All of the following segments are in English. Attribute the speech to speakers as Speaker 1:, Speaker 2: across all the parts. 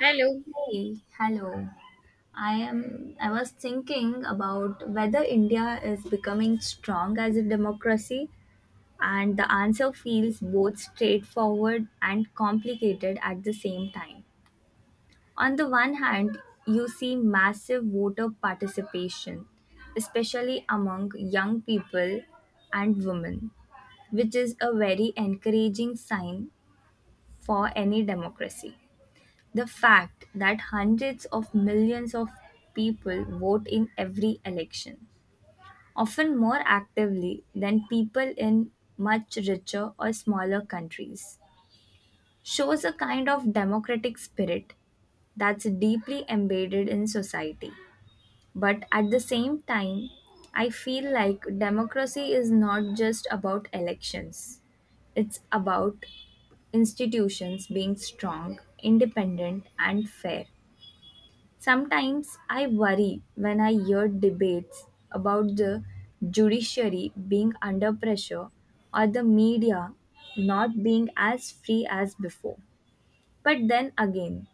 Speaker 1: Hello.
Speaker 2: Hey, hello. I am I was thinking about whether India is becoming strong as a democracy, and the answer feels both straightforward and complicated at the same time. On the one hand, you see massive voter participation, especially among young people and women, which is a very encouraging sign for any democracy. The fact that hundreds of millions of people vote in every election, often more actively than people in much richer or smaller countries, shows a kind of democratic spirit that's deeply embedded in society. But at the same time, I feel like democracy is not just about elections, it's about institutions being strong, independent, and fair. Sometimes I worry when I hear debates about the judiciary being under pressure or the media not being as free as before. But then again,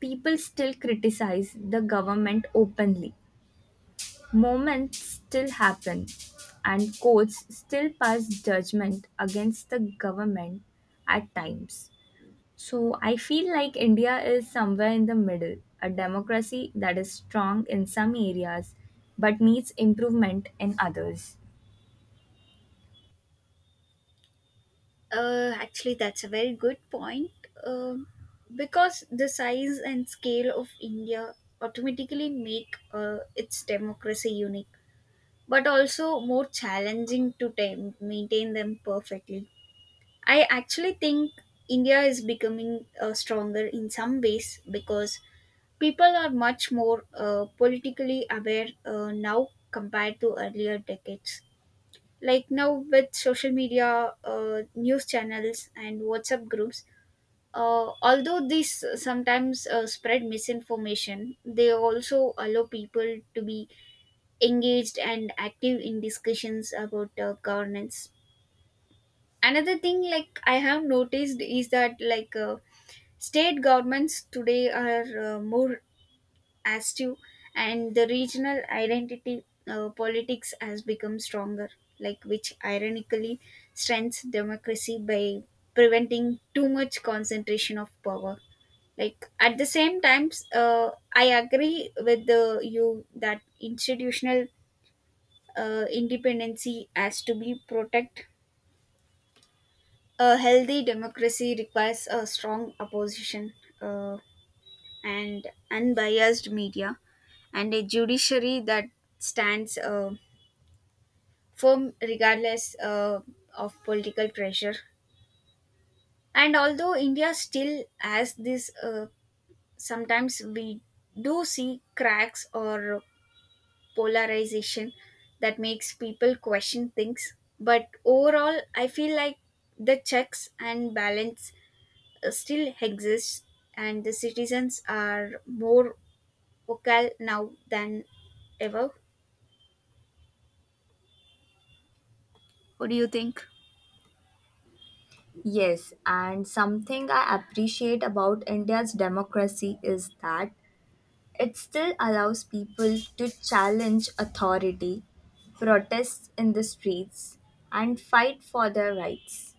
Speaker 2: people still criticize the government openly. Moments still happen, and courts still pass judgment against the government at times. So I feel like India is somewhere in the middle, a democracy that is strong in some areas but needs improvement in others.
Speaker 1: That's a very good point. Um, because the size and scale of India automatically make its democracy unique, but also more challenging to tame, maintain them perfectly. I actually think India is becoming stronger in some ways because people are much more politically aware now compared to earlier decades, like now with social media, news channels, and whatsapp groups. Uh, although these sometimes spread misinformation, they also allow people to be engaged and active in discussions about governance. Another thing like I have noticed is that like state governments today are more as to and the regional identity politics has become stronger, like which ironically strengthens democracy by preventing too much concentration of power. Like at the same times, I agree with you that institutional independency has to be protect. A healthy democracy requires a strong opposition, uh, and unbiased media, and a judiciary that stands firm regardless of political pressure. And although India still has this, sometimes we do see cracks or polarization that makes people question things. But overall, I feel like the checks and balance still exists, and the citizens are more vocal now than ever. What do you think?
Speaker 2: Yes, and something I appreciate about India's democracy is that it still allows people to challenge authority, protest in the streets, and fight for their rights.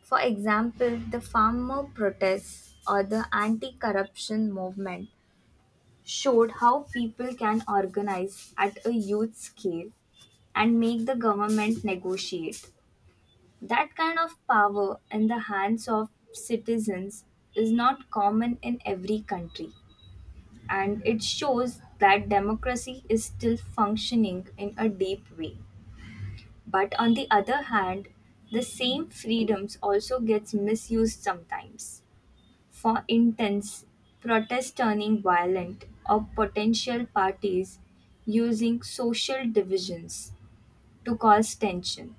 Speaker 2: For example, the farmer protests or the anti corruption movement showed how people can organize at a youth scale and make the government negotiate. That kind of power in the hands of citizens is not common in every country, and it shows that democracy is still functioning in a deep way. But on the other hand, the same freedoms also gets misused sometimes for intense protests turning violent or potential parties using social divisions to cause tension.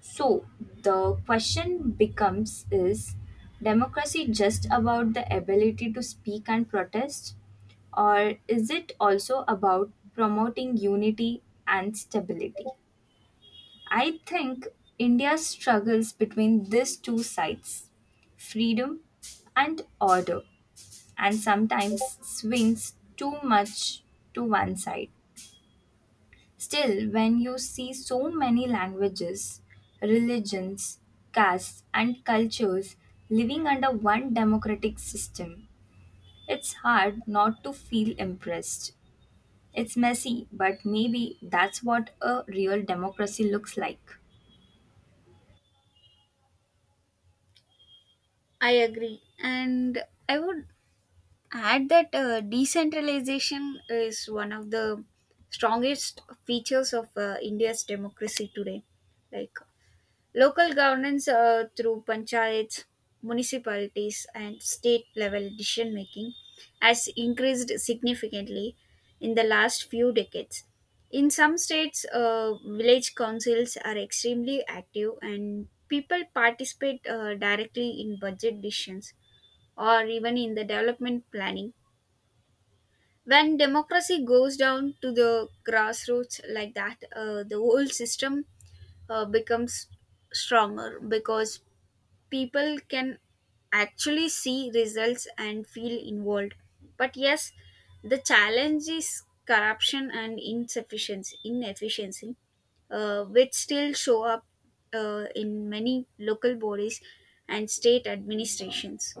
Speaker 2: So the question becomes, is democracy just about the ability to speak and protest, or is it also about promoting unity and stability? I think India struggles between these two sides, freedom and order, and sometimes swings too much to one side. Still, when you see so many languages, religions, castes, and cultures living under one democratic system, it's hard not to feel impressed. It's messy, but maybe that's what a real democracy looks like.
Speaker 1: I agree. And I would add that decentralization is one of the strongest features of India's democracy today. Like local governance through panchayats, municipalities, and state level decision making has increased significantly in the last few decades. In some states, village councils are extremely active and people participate directly in budget decisions or even in the development planning. When democracy goes down to the grassroots like that, the whole system becomes stronger because people can actually see results and feel involved. But yes, the challenge is corruption and inefficiency, which still show up in many local bodies and state administrations.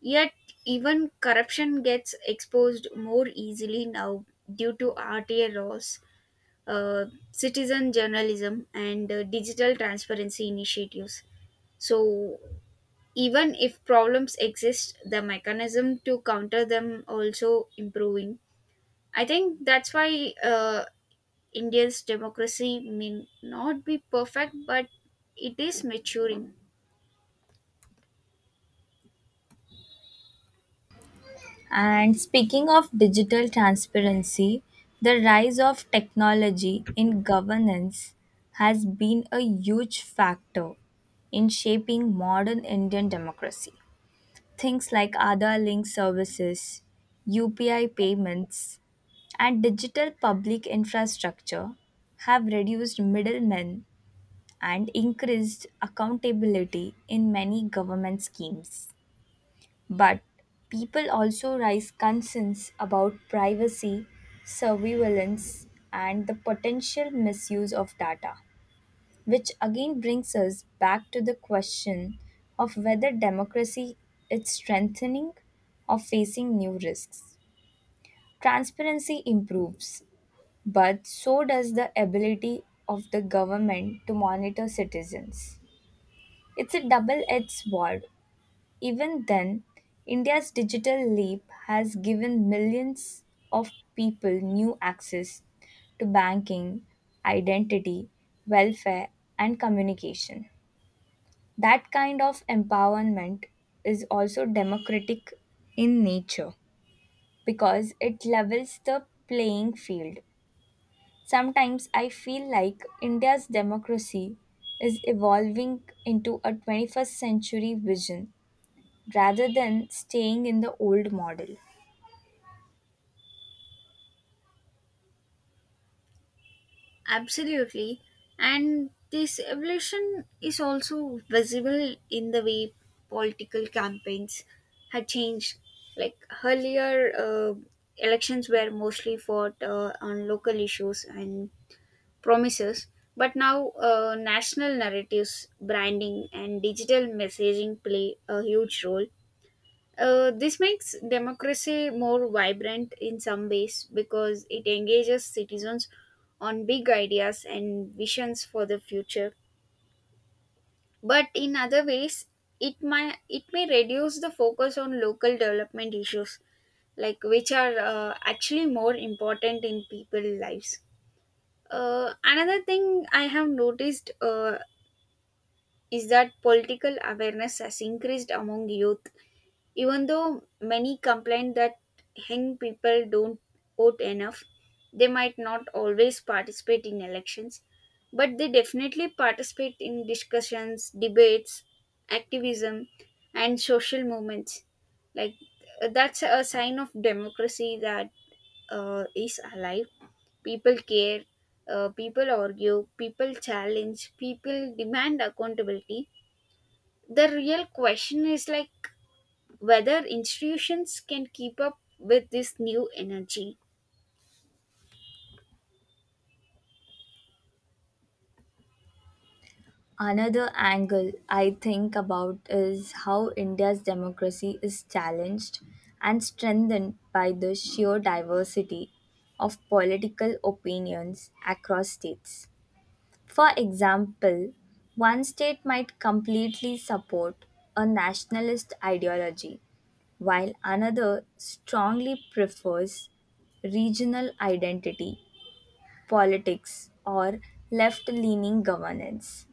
Speaker 1: Yet, even corruption gets exposed more easily now due to RTA laws, citizen journalism, and digital transparency initiatives. So, even if problems exist, the mechanism to counter them also improving. I think that's why India's democracy may not be perfect, but it is maturing.
Speaker 2: And speaking of digital transparency, the rise of technology in governance has been a huge factor in shaping modern Indian democracy. Things like Aadhaar link services, UPI payments, and digital public infrastructure have reduced middlemen and increased accountability in many government schemes. But people also raise concerns about privacy, surveillance, and the potential misuse of data, which again brings us back to the question of whether democracy is strengthening or facing new risks. Transparency improves, but so does the ability of the government to monitor citizens. It's a double edged sword. Even then, India's digital leap has given millions of people new access to banking, identity, welfare, and communication. That kind of empowerment is also democratic in nature because it levels the playing field. Sometimes I feel like India's democracy is evolving into a 21st century vision rather than staying in the old model.
Speaker 1: Absolutely. And this evolution is also visible in the way political campaigns had changed. Like earlier, elections were mostly fought on local issues and promises, but now national narratives, branding, and digital messaging play a huge role. This makes democracy more vibrant in some ways because it engages citizens on big ideas and visions for the future. But in other ways, it may reduce the focus on local development issues, like which are actually more important in people's lives. Another thing I have noticed is that political awareness has increased among youth, even though many complain that young people don't vote enough. They might not always participate in elections, but they definitely participate in discussions, debates, activism, and social movements. Like that's a sign of democracy that is alive. People care, people argue, people challenge, people demand accountability. The real question is like whether institutions can keep up with this new energy.
Speaker 2: Another angle I think about is how India's democracy is challenged and strengthened by the sheer diversity of political opinions across states. For example, one state might completely support a nationalist ideology, while another strongly prefers regional identity politics, or left leaning governance.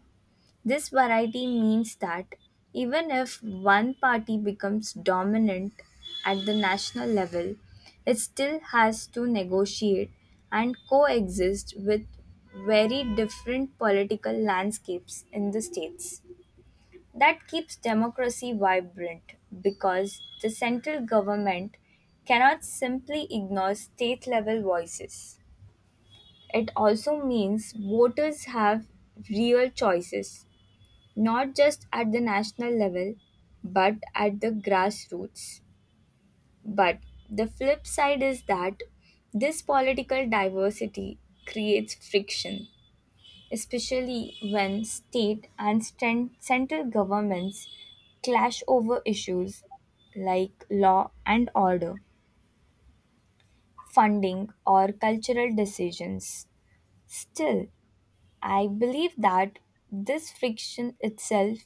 Speaker 2: This variety means that even if one party becomes dominant at the national level, it still has to negotiate and coexist with very different political landscapes in the states. That keeps democracy vibrant because the central government cannot simply ignore state level voices. It also means voters have real choices, not just at the national level, but at the grassroots. But the flip side is that this political diversity creates friction, especially when state and central governments clash over issues like law and order, funding, or cultural decisions. Still, I believe that this friction itself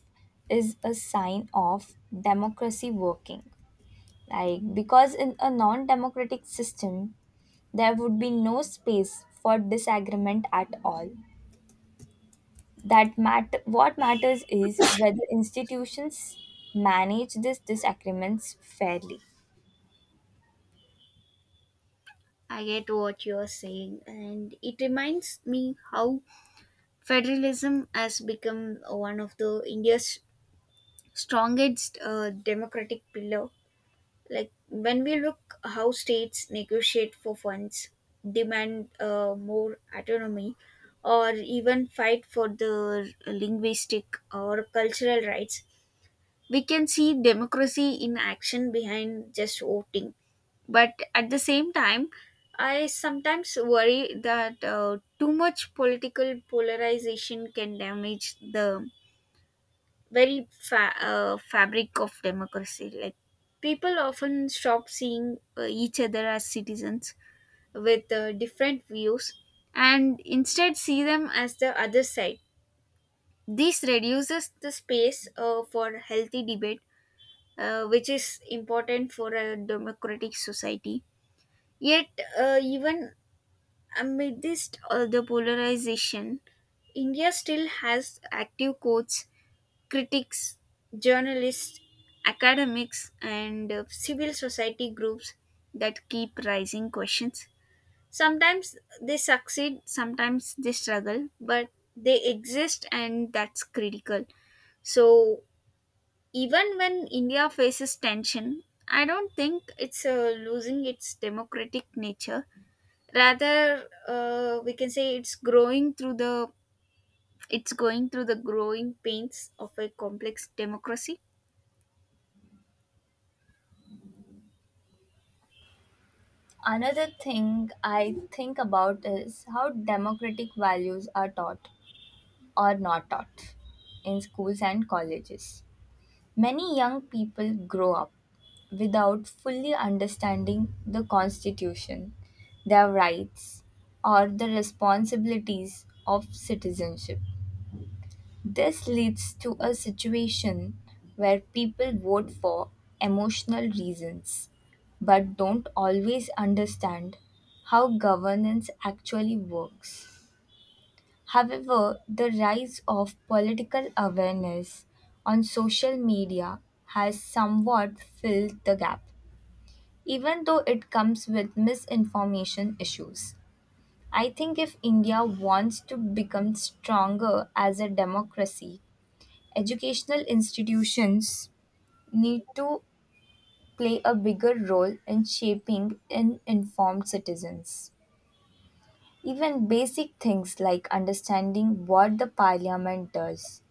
Speaker 2: is a sign of democracy working. Like, because in a non democratic system, there would be no space for disagreement at all. What matters is whether institutions manage these disagreements fairly.
Speaker 1: I get what you're saying, and it reminds me how federalism has become one of the India's strongest democratic pillar, like when we look how states negotiate for funds, demand more autonomy or even fight for the linguistic or cultural rights. We can see democracy in action behind just voting, but at the same time I sometimes worry that too much political polarization can damage the very fabric of democracy. Like people often stop seeing each other as citizens with different views and instead see them as the other side. This reduces the space for healthy debate, which is important for a democratic society. Yet, even amidst all the polarization, India still has active courts, critics, journalists, academics, and civil society groups that keep raising questions. Sometimes they succeed, sometimes they struggle, but they exist and that's critical. So, even when India faces tension, I don't think it's losing its democratic nature. Rather, we can say it's going through the growing pains of a complex democracy.
Speaker 2: Another thing I think about is how democratic values are taught or not taught in schools and colleges. Many young people grow up without fully understanding the Constitution, their rights, or the responsibilities of citizenship. This leads to a situation where people vote for emotional reasons but don't always understand how governance actually works. However, the rise of political awareness on social media has somewhat filled the gap, even though it comes with misinformation issues. I think if India wants to become stronger as a democracy, educational institutions need to play a bigger role in shaping in informed citizens. Even basic things like understanding what the parliament does,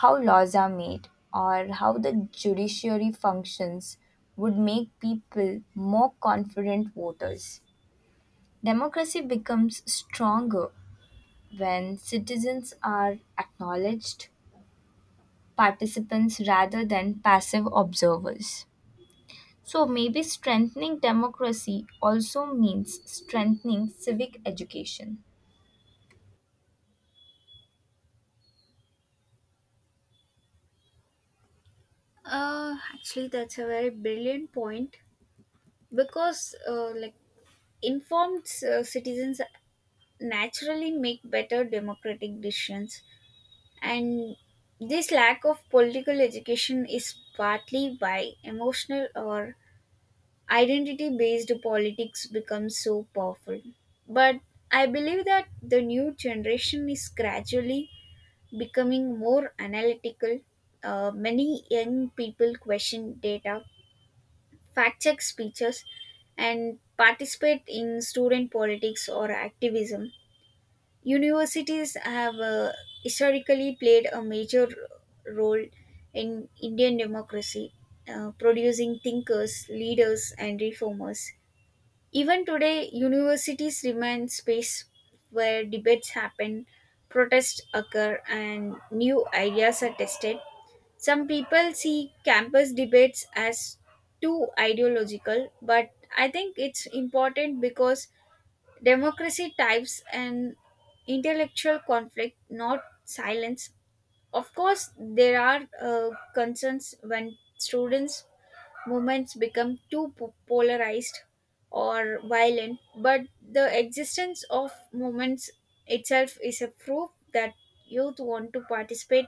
Speaker 2: how laws are made, or how the judiciary functions would make people more confident voters. Democracy becomes stronger when citizens are acknowledged participants rather than passive observers. So, maybe strengthening democracy also means strengthening civic education.
Speaker 1: That's a very brilliant point because, informed citizens naturally make better democratic decisions, and this lack of political education is partly why emotional or identity based politics becomes so powerful. But I believe that the new generation is gradually becoming more analytical. Many young people question data, fact check speeches, and participate in student politics or activism. Universities have historically played a major role in Indian democracy, producing thinkers, leaders, and reformers. Even today, universities remain space where debates happen, protests occur, and new ideas are tested. Some people see campus debates as too ideological, but I think it's important because democracy types an intellectual conflict, not silence. Of course, there are concerns when students' movements become too polarized or violent, but the existence of movements itself is a proof that youth want to participate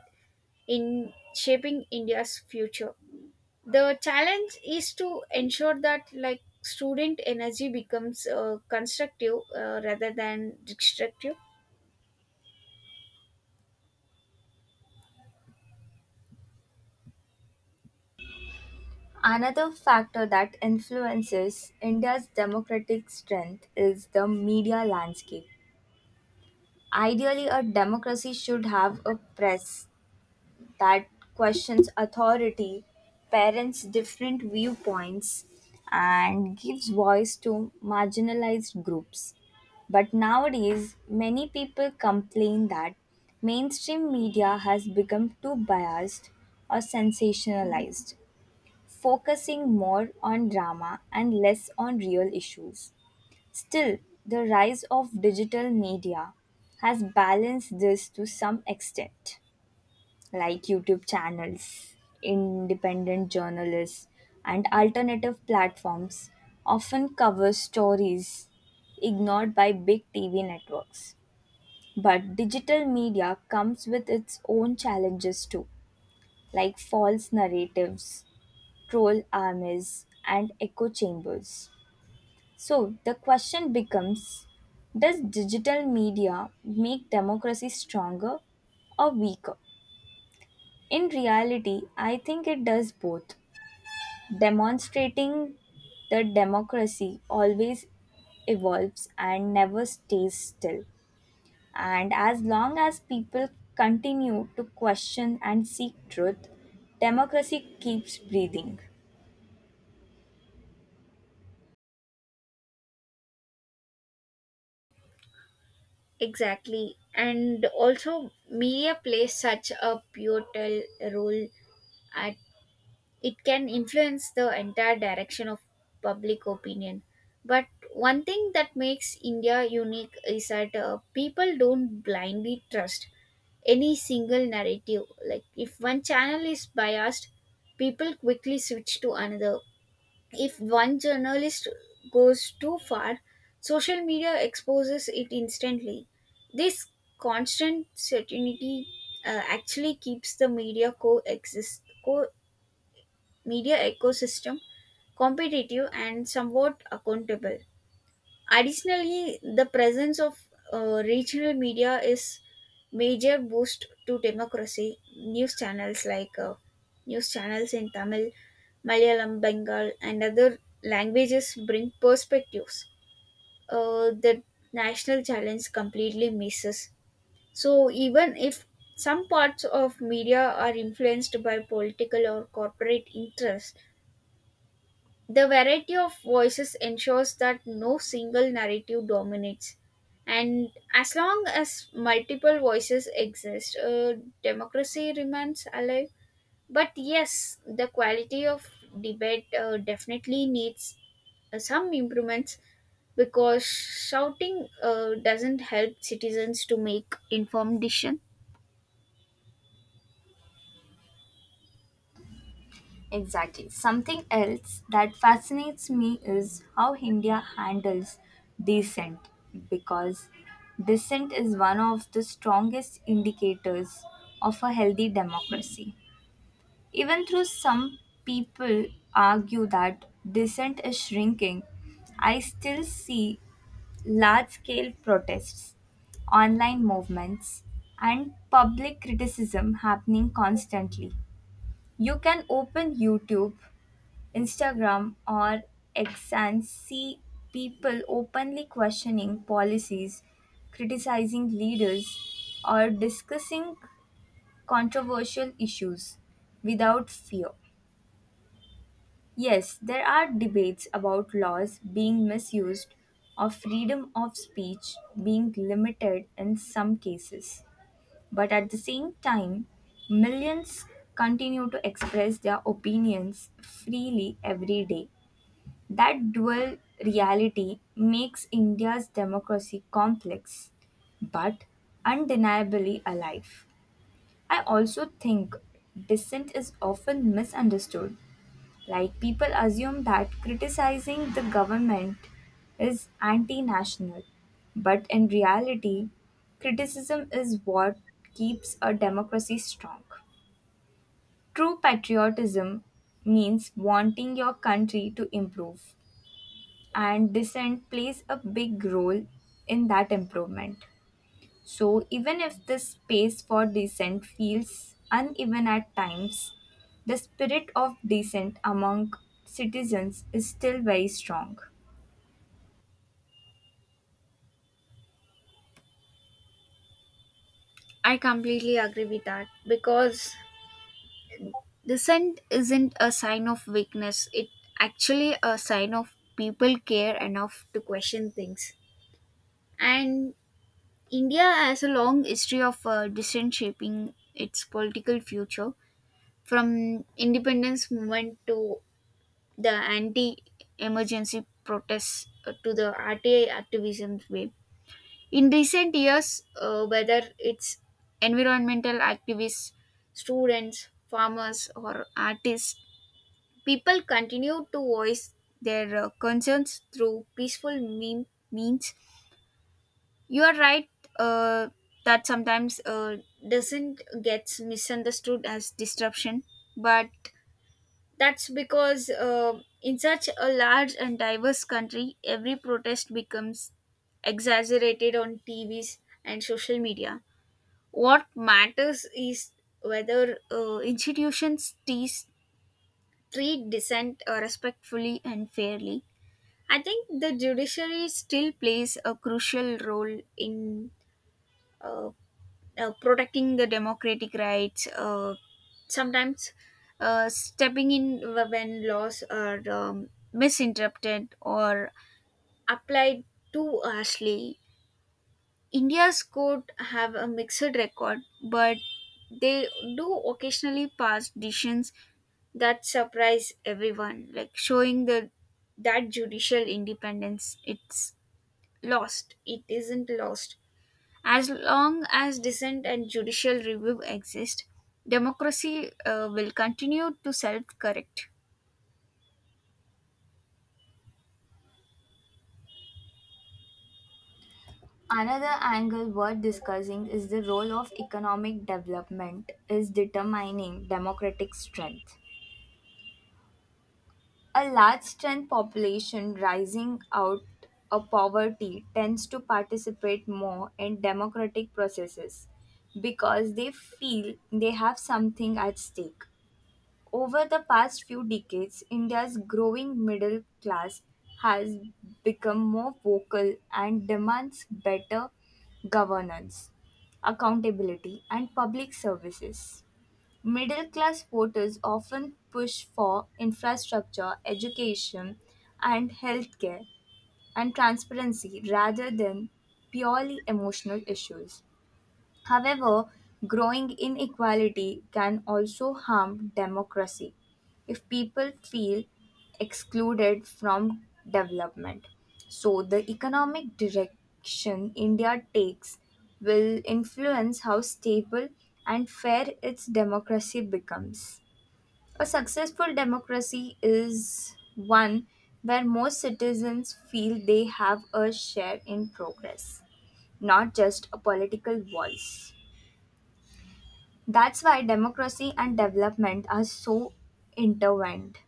Speaker 1: in shaping India's future. The challenge is to ensure that like student energy becomes constructive rather than destructive.
Speaker 2: Another factor that influences India's democratic strength is the media landscape. Ideally, a democracy should have a press that questions authority, parents' different viewpoints, and gives voice to marginalized groups. But nowadays, many people complain that mainstream media has become too biased or sensationalized, focusing more on drama and less on real issues. Still, the rise of digital media has balanced this to some extent, like YouTube channels, independent journalists, and alternative platforms often cover stories ignored by big TV networks. But digital media comes with its own challenges too, like false narratives, troll armies, and echo chambers. So the question becomes, does digital media make democracy stronger or weaker? In reality, I think it does both, demonstrating that democracy always evolves and never stays still. And as long as people continue to question and seek truth, democracy keeps breathing.
Speaker 1: Exactly. And also media plays such a pivotal role at it can influence the entire direction of public opinion, but one thing that makes India unique is that people don't blindly trust any single narrative. Like if one channel is biased, people quickly switch to another. If one journalist goes too far, social media exposes it instantly. This constant certainty actually keeps the media ecosystem competitive and somewhat accountable. Additionally, the presence of regional media is major boost to democracy. News channels in Tamil, Malayalam, Bengal, and other languages bring perspectives that national challenge completely misses. So even if some parts of media are influenced by political or corporate interests, the variety of voices ensures that no single narrative dominates. And as long as multiple voices exist, democracy remains alive. But yes, the quality of debate definitely needs some improvements because shouting doesn't help citizens to make informed decision.
Speaker 2: Exactly. Something else that fascinates me is how India handles descent, because descent is one of the strongest indicators of a healthy democracy. Even though some people argue that dissent is shrinking, I still see large scale protests, online movements, and public criticism happening constantly. You can open YouTube, Instagram, or X and see people openly questioning policies, criticizing leaders, or discussing controversial issues without fear. Yes, there are debates about laws being misused or freedom of speech being limited in some cases. But at the same time, millions continue to express their opinions freely every day. That dual reality makes India's democracy complex but undeniably alive. I also think dissent is often misunderstood. Like, people assume that criticizing the government is anti national, but in reality, criticism is what keeps a democracy strong. True patriotism means wanting your country to improve, and descent plays a big role in that improvement. So, even if the space for descent feels uneven at times, the spirit of descent among citizens is still very strong.
Speaker 1: I completely agree with that because dissent isn't a sign of weakness, it actually a sign of people care enough to question things. And India has a long history of dissent shaping its political future, from independence movement to the anti-emergency protests to the RTI activism wave. In recent years, whether it's environmental activists, students, farmers, or artists, people continue to voice their concerns through means. You are right uh, that sometimes doesn't gets misunderstood as disruption, but that's because in such a large and diverse country, every protest becomes exaggerated on TVs and social media. What matters is whether institutions treat dissent respectfully and fairly. I think the judiciary still plays a crucial role in uh, protecting the democratic rights, sometimes stepping in when laws are misinterpreted or applied too harshly. India's court have a mixed record, but they do occasionally pass decisions that surprise everyone, like showing the that judicial independence it's lost. It isn't lost. As long as dissent and judicial review exist, democracy will continue to self correct.
Speaker 2: Another angle worth discussing is the role of economic development is determining democratic strength. A large strength population rising out of poverty tends to participate more in democratic processes because they feel they have something at stake. Over the past few decades, India's growing middle class has become more vocal and demands better governance, accountability, and public services. Middle class voters often push for infrastructure, education, and healthcare and transparency rather than purely emotional issues. However, growing inequality can also harm democracy if people feel excluded from development. So, the economic direction India takes will influence how stable and fair its democracy becomes. A successful democracy is one where most citizens feel they have a share in progress, not just a political voice. That's why democracy and development are so intertwined.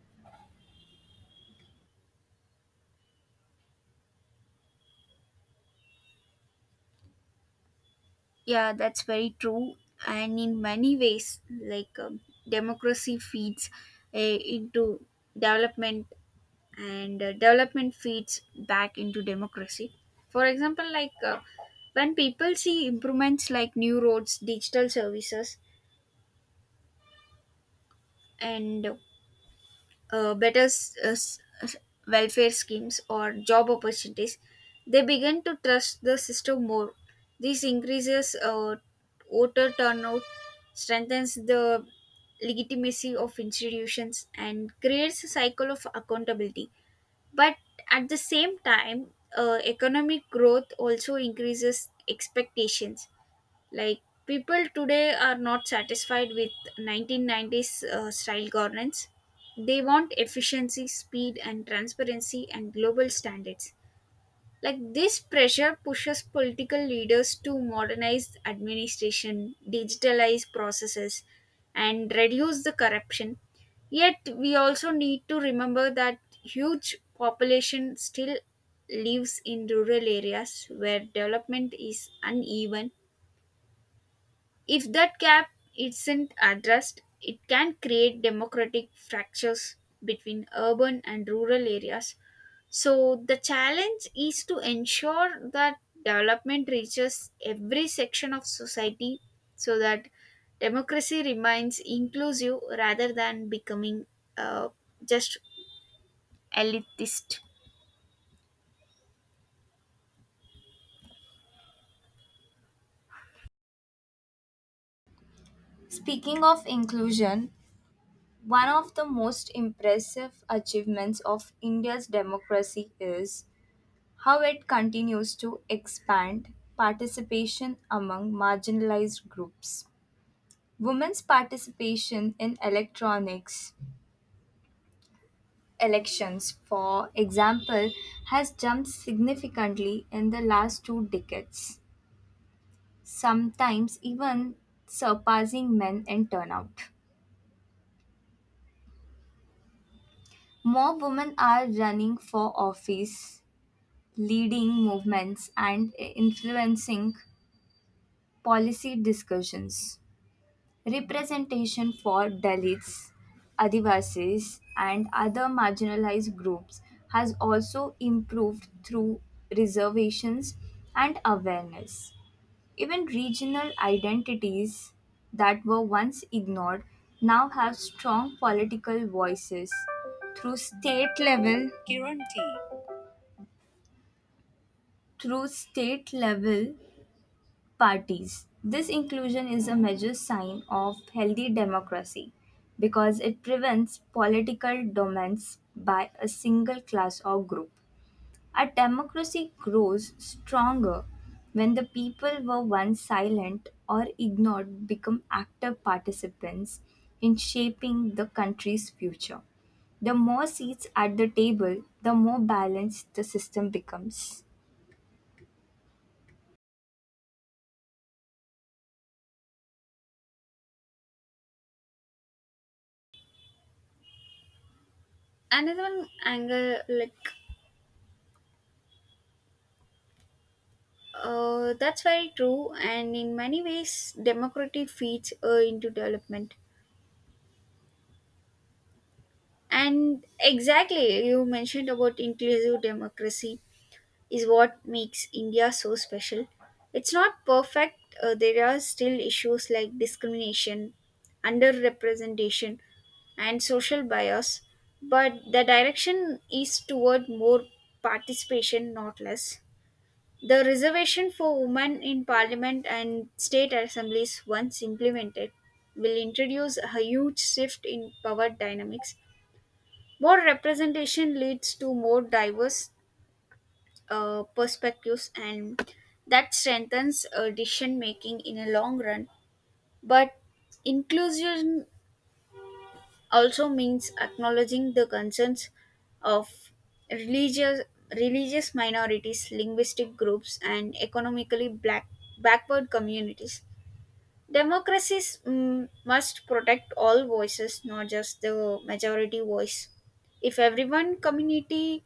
Speaker 1: Yeah, that's very true. And in many ways, like democracy feeds into development, and development feeds back into democracy. For example, like when people see improvements like new roads, digital services, and uh, better s- uh, s- uh, welfare schemes or job opportunities, they begin to trust the system more. This increases voter turnout, strengthens the legitimacy of institutions, and creates a cycle of accountability. But at the same time, economic growth also increases expectations. Like people today are not satisfied with 1990s style governance. They want efficiency, speed, and transparency, and global standards. Like this pressure pushes political leaders to modernize administration, digitalize processes, and reduce the corruption. Yet we also need to remember that huge population still lives in rural areas where development is uneven. If that gap isn't addressed, it can create democratic fractures between urban and rural areas. So, the challenge is to ensure that development reaches every section of society so that democracy remains inclusive rather than becoming uh, just elitist.
Speaker 2: Speaking of inclusion, one of the most impressive achievements of India's democracy is how it continues to expand participation among marginalized groups. Women's participation in electronics elections, for example, has jumped significantly in the last 2 decades, sometimes even surpassing men in turnout. More women are running for office, leading movements, and influencing policy discussions. Representation for Dalits, Adivasis, and other marginalized groups has also improved through reservations and awareness. Even regional identities that were once ignored now have strong political voices through state level through state level parties. This inclusion is a major sign of healthy democracy because it prevents political dominance by a single class or group. A democracy grows stronger when the people were once silent or ignored become active participants in shaping the country's future. The more seats at the table, the more balanced the system becomes.
Speaker 1: Another one, anger, like that's very true, and in many ways, democracy feeds into development. And exactly, you mentioned about inclusive democracy is what makes India so special. It's not perfect, there are still issues like discrimination, underrepresentation, and social bias, but the direction is toward more participation, not less. The reservation for women in parliament and state assemblies, once implemented, will introduce a huge shift in power dynamics. More representation leads to more diverse perspectives, and that strengthens decision making in a long run. But inclusion also means acknowledging the concerns of religious religious minorities, linguistic groups, and economically black backward communities. Democracies must protect all voices, not just the majority voice. If everyone community,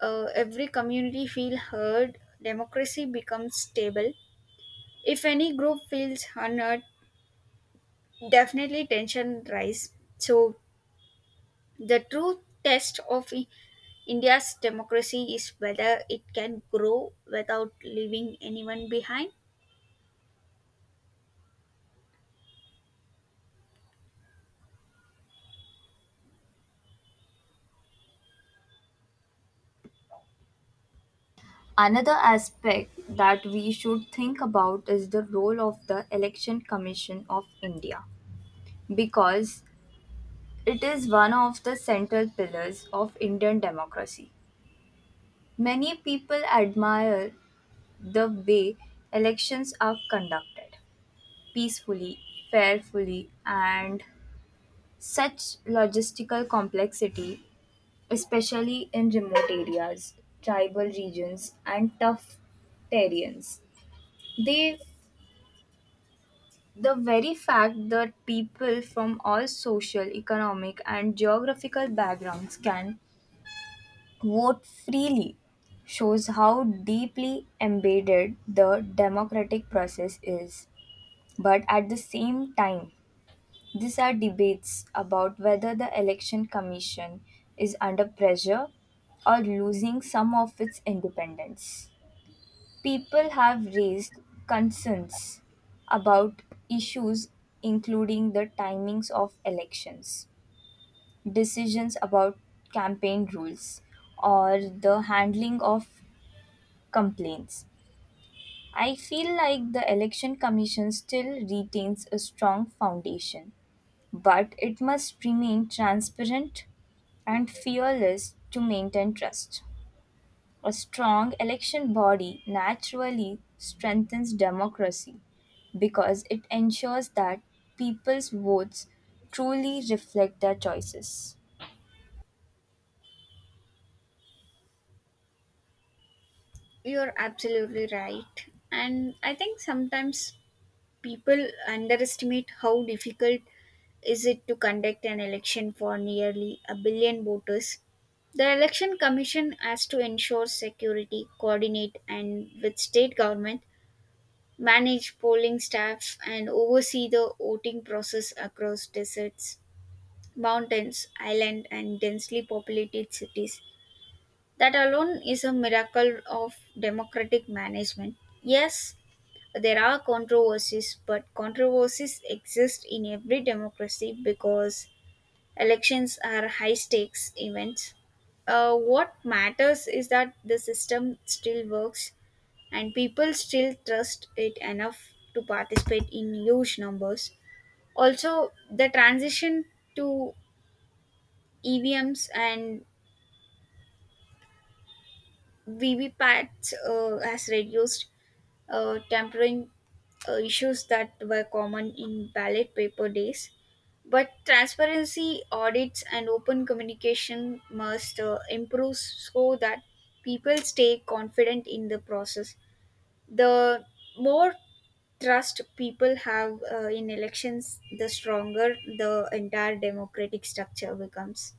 Speaker 1: every community feel heard, democracy becomes stable. If any group feels unheard, definitely tension rise. So the true test of India's democracy is whether it can grow without leaving anyone behind.
Speaker 2: Another aspect that we should think about is the role of the Election Commission of India, because it is one of the central pillars of Indian democracy. Many people admire the way elections are conducted peacefully, fairfully, and such logistical complexity, especially in remote areas, tribal regions, and tough terrains. They, the very fact that people from all social, economic, and geographical backgrounds can vote freely shows how deeply embedded the democratic process is. But at the same time, these are debates about whether the Election Commission is under pressure or losing some of its independence. People have raised concerns about issues including the timings of elections, decisions about campaign rules, or the handling of complaints. I feel like the Election Commission still retains a strong foundation, but it must remain transparent and fearless to maintain trust. A strong election body naturally strengthens democracy because it ensures that people's votes truly reflect their choices.
Speaker 1: You're absolutely right. And I think sometimes people underestimate how difficult is it to conduct an election for nearly a billion voters. The Election Commission has to ensure security, coordinate and with state government, manage polling staff, and oversee the voting process across deserts, mountains, island, and densely populated cities. That alone is a miracle of democratic management. Yes, there are controversies, but controversies exist in every democracy because elections are high stakes events. What matters is that the system still works and people still trust it enough to participate in huge numbers. Also, the transition to EVMs and VVPATs has reduced tampering issues that were common in ballot paper days. But transparency, audits, and open communication must improve so that people stay confident in the process. The more trust people have in elections, the stronger the entire democratic structure becomes.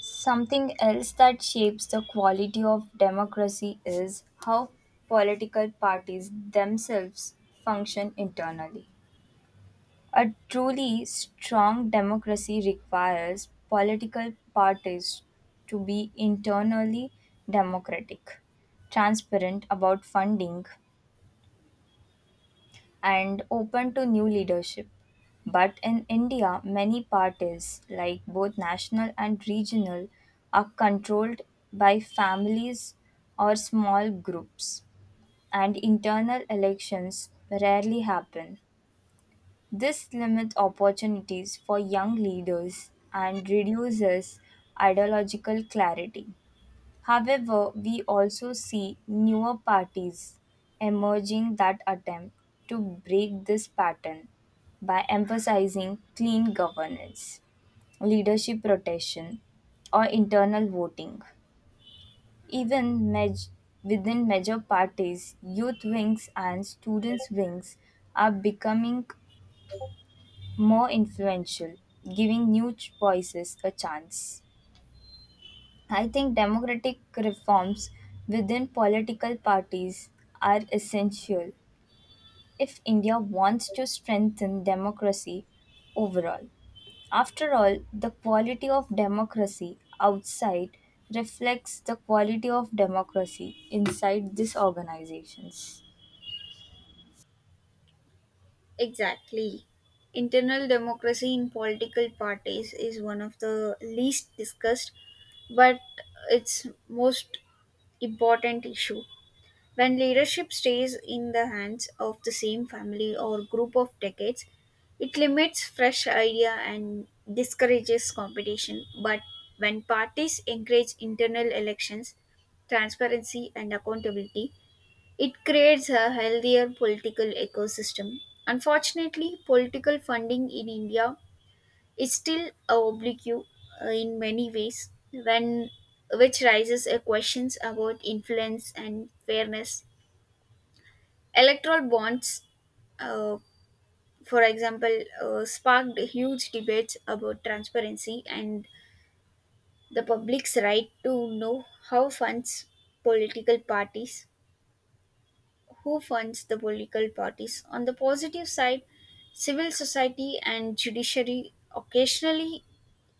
Speaker 2: Something else that shapes the quality of democracy is how political parties themselves function internally. A truly strong democracy requires political parties to be internally democratic, transparent about funding, and open to new leadership. But in India, many parties, like both national and regional, are controlled by families or small groups, and internal elections rarely happen. This limits opportunities for young leaders and reduces ideological clarity. However, we also see newer parties emerging that attempt to break this pattern by emphasizing clean governance, leadership rotation, or internal voting. Even maj- Within major parties, youth wings and students' wings are becoming more influential, giving new voices a chance. I think democratic reforms within political parties are essential if India wants to strengthen democracy overall. After all, the quality of democracy outside reflects the quality of democracy inside these organizations.
Speaker 1: Exactly. Internal democracy in political parties is one of the least discussed but its most important issue. When leadership stays in the hands of the same family or group of decades, it limits fresh idea and discourages competition. But when parties encourage internal elections, transparency, and accountability, it creates a healthier political ecosystem. Unfortunately, political funding in India it's still oblique in many ways, when which raises a questions about influence and fairness. Electoral bonds, uh, for example, sparked huge debates about transparency and the public's right to know how funds political parties, who funds the political parties. On the positive side, civil society and judiciary occasionally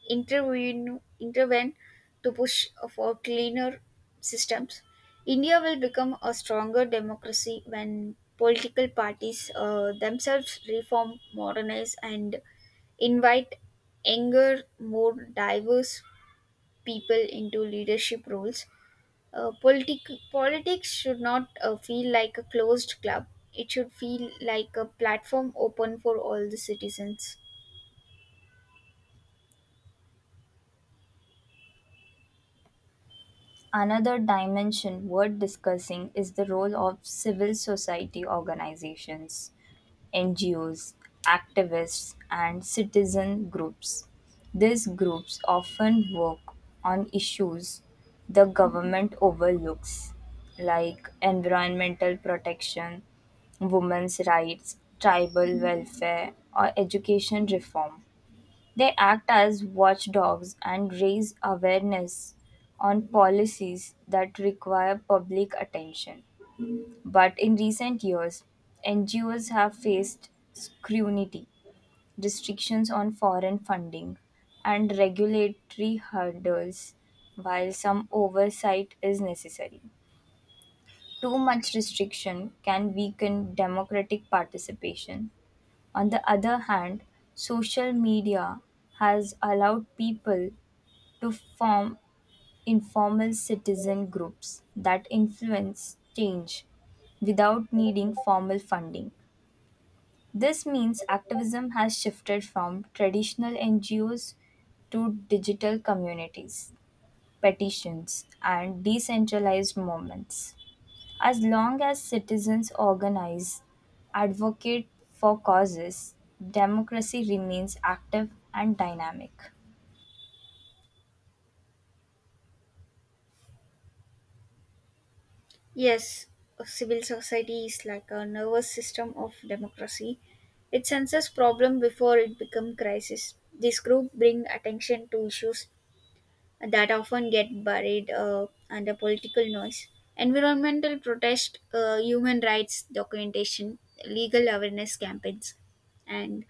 Speaker 1: intervene to push for cleaner systems. India will become a stronger democracy when political parties themselves reform, modernize, and invite younger, more diverse people into leadership roles. Politics should not feel like a closed club. It should feel like a platform open for all the citizens.
Speaker 2: Another dimension worth discussing is the role of civil society organizations, NGOs, activists, and citizen groups. These groups often work on issues the government overlooks, like environmental protection, women's rights, tribal welfare, or education reform. They act as watchdogs and raise awareness on policies that require public attention. But in recent years, NGOs have faced scrutiny, restrictions on foreign funding, and regulatory hurdles, while some oversight is necessary. Too much restriction can weaken democratic participation. On the other hand, social media has allowed people to form informal citizen groups that influence change without needing formal funding. This means activism has shifted from traditional NGOs to digital communities, petitions, and decentralized movements. As long as citizens organize, advocate for causes, democracy remains active and dynamic.
Speaker 1: Yes, a civil society is like a nervous system of democracy. It senses problem before it become crisis. This group bring attention to issues that often get buried under political noise. Environmental protest, human rights documentation, legal awareness campaigns, and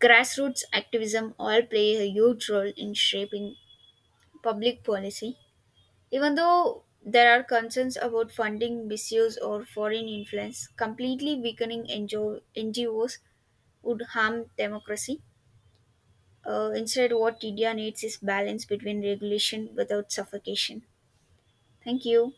Speaker 1: grassroots activism all play a huge role in shaping public policy. Even though there are concerns about funding misuse or foreign influence, completely weakening NGOs would harm democracy. Instead, what India needs is balance between regulation without suffocation. Thank you.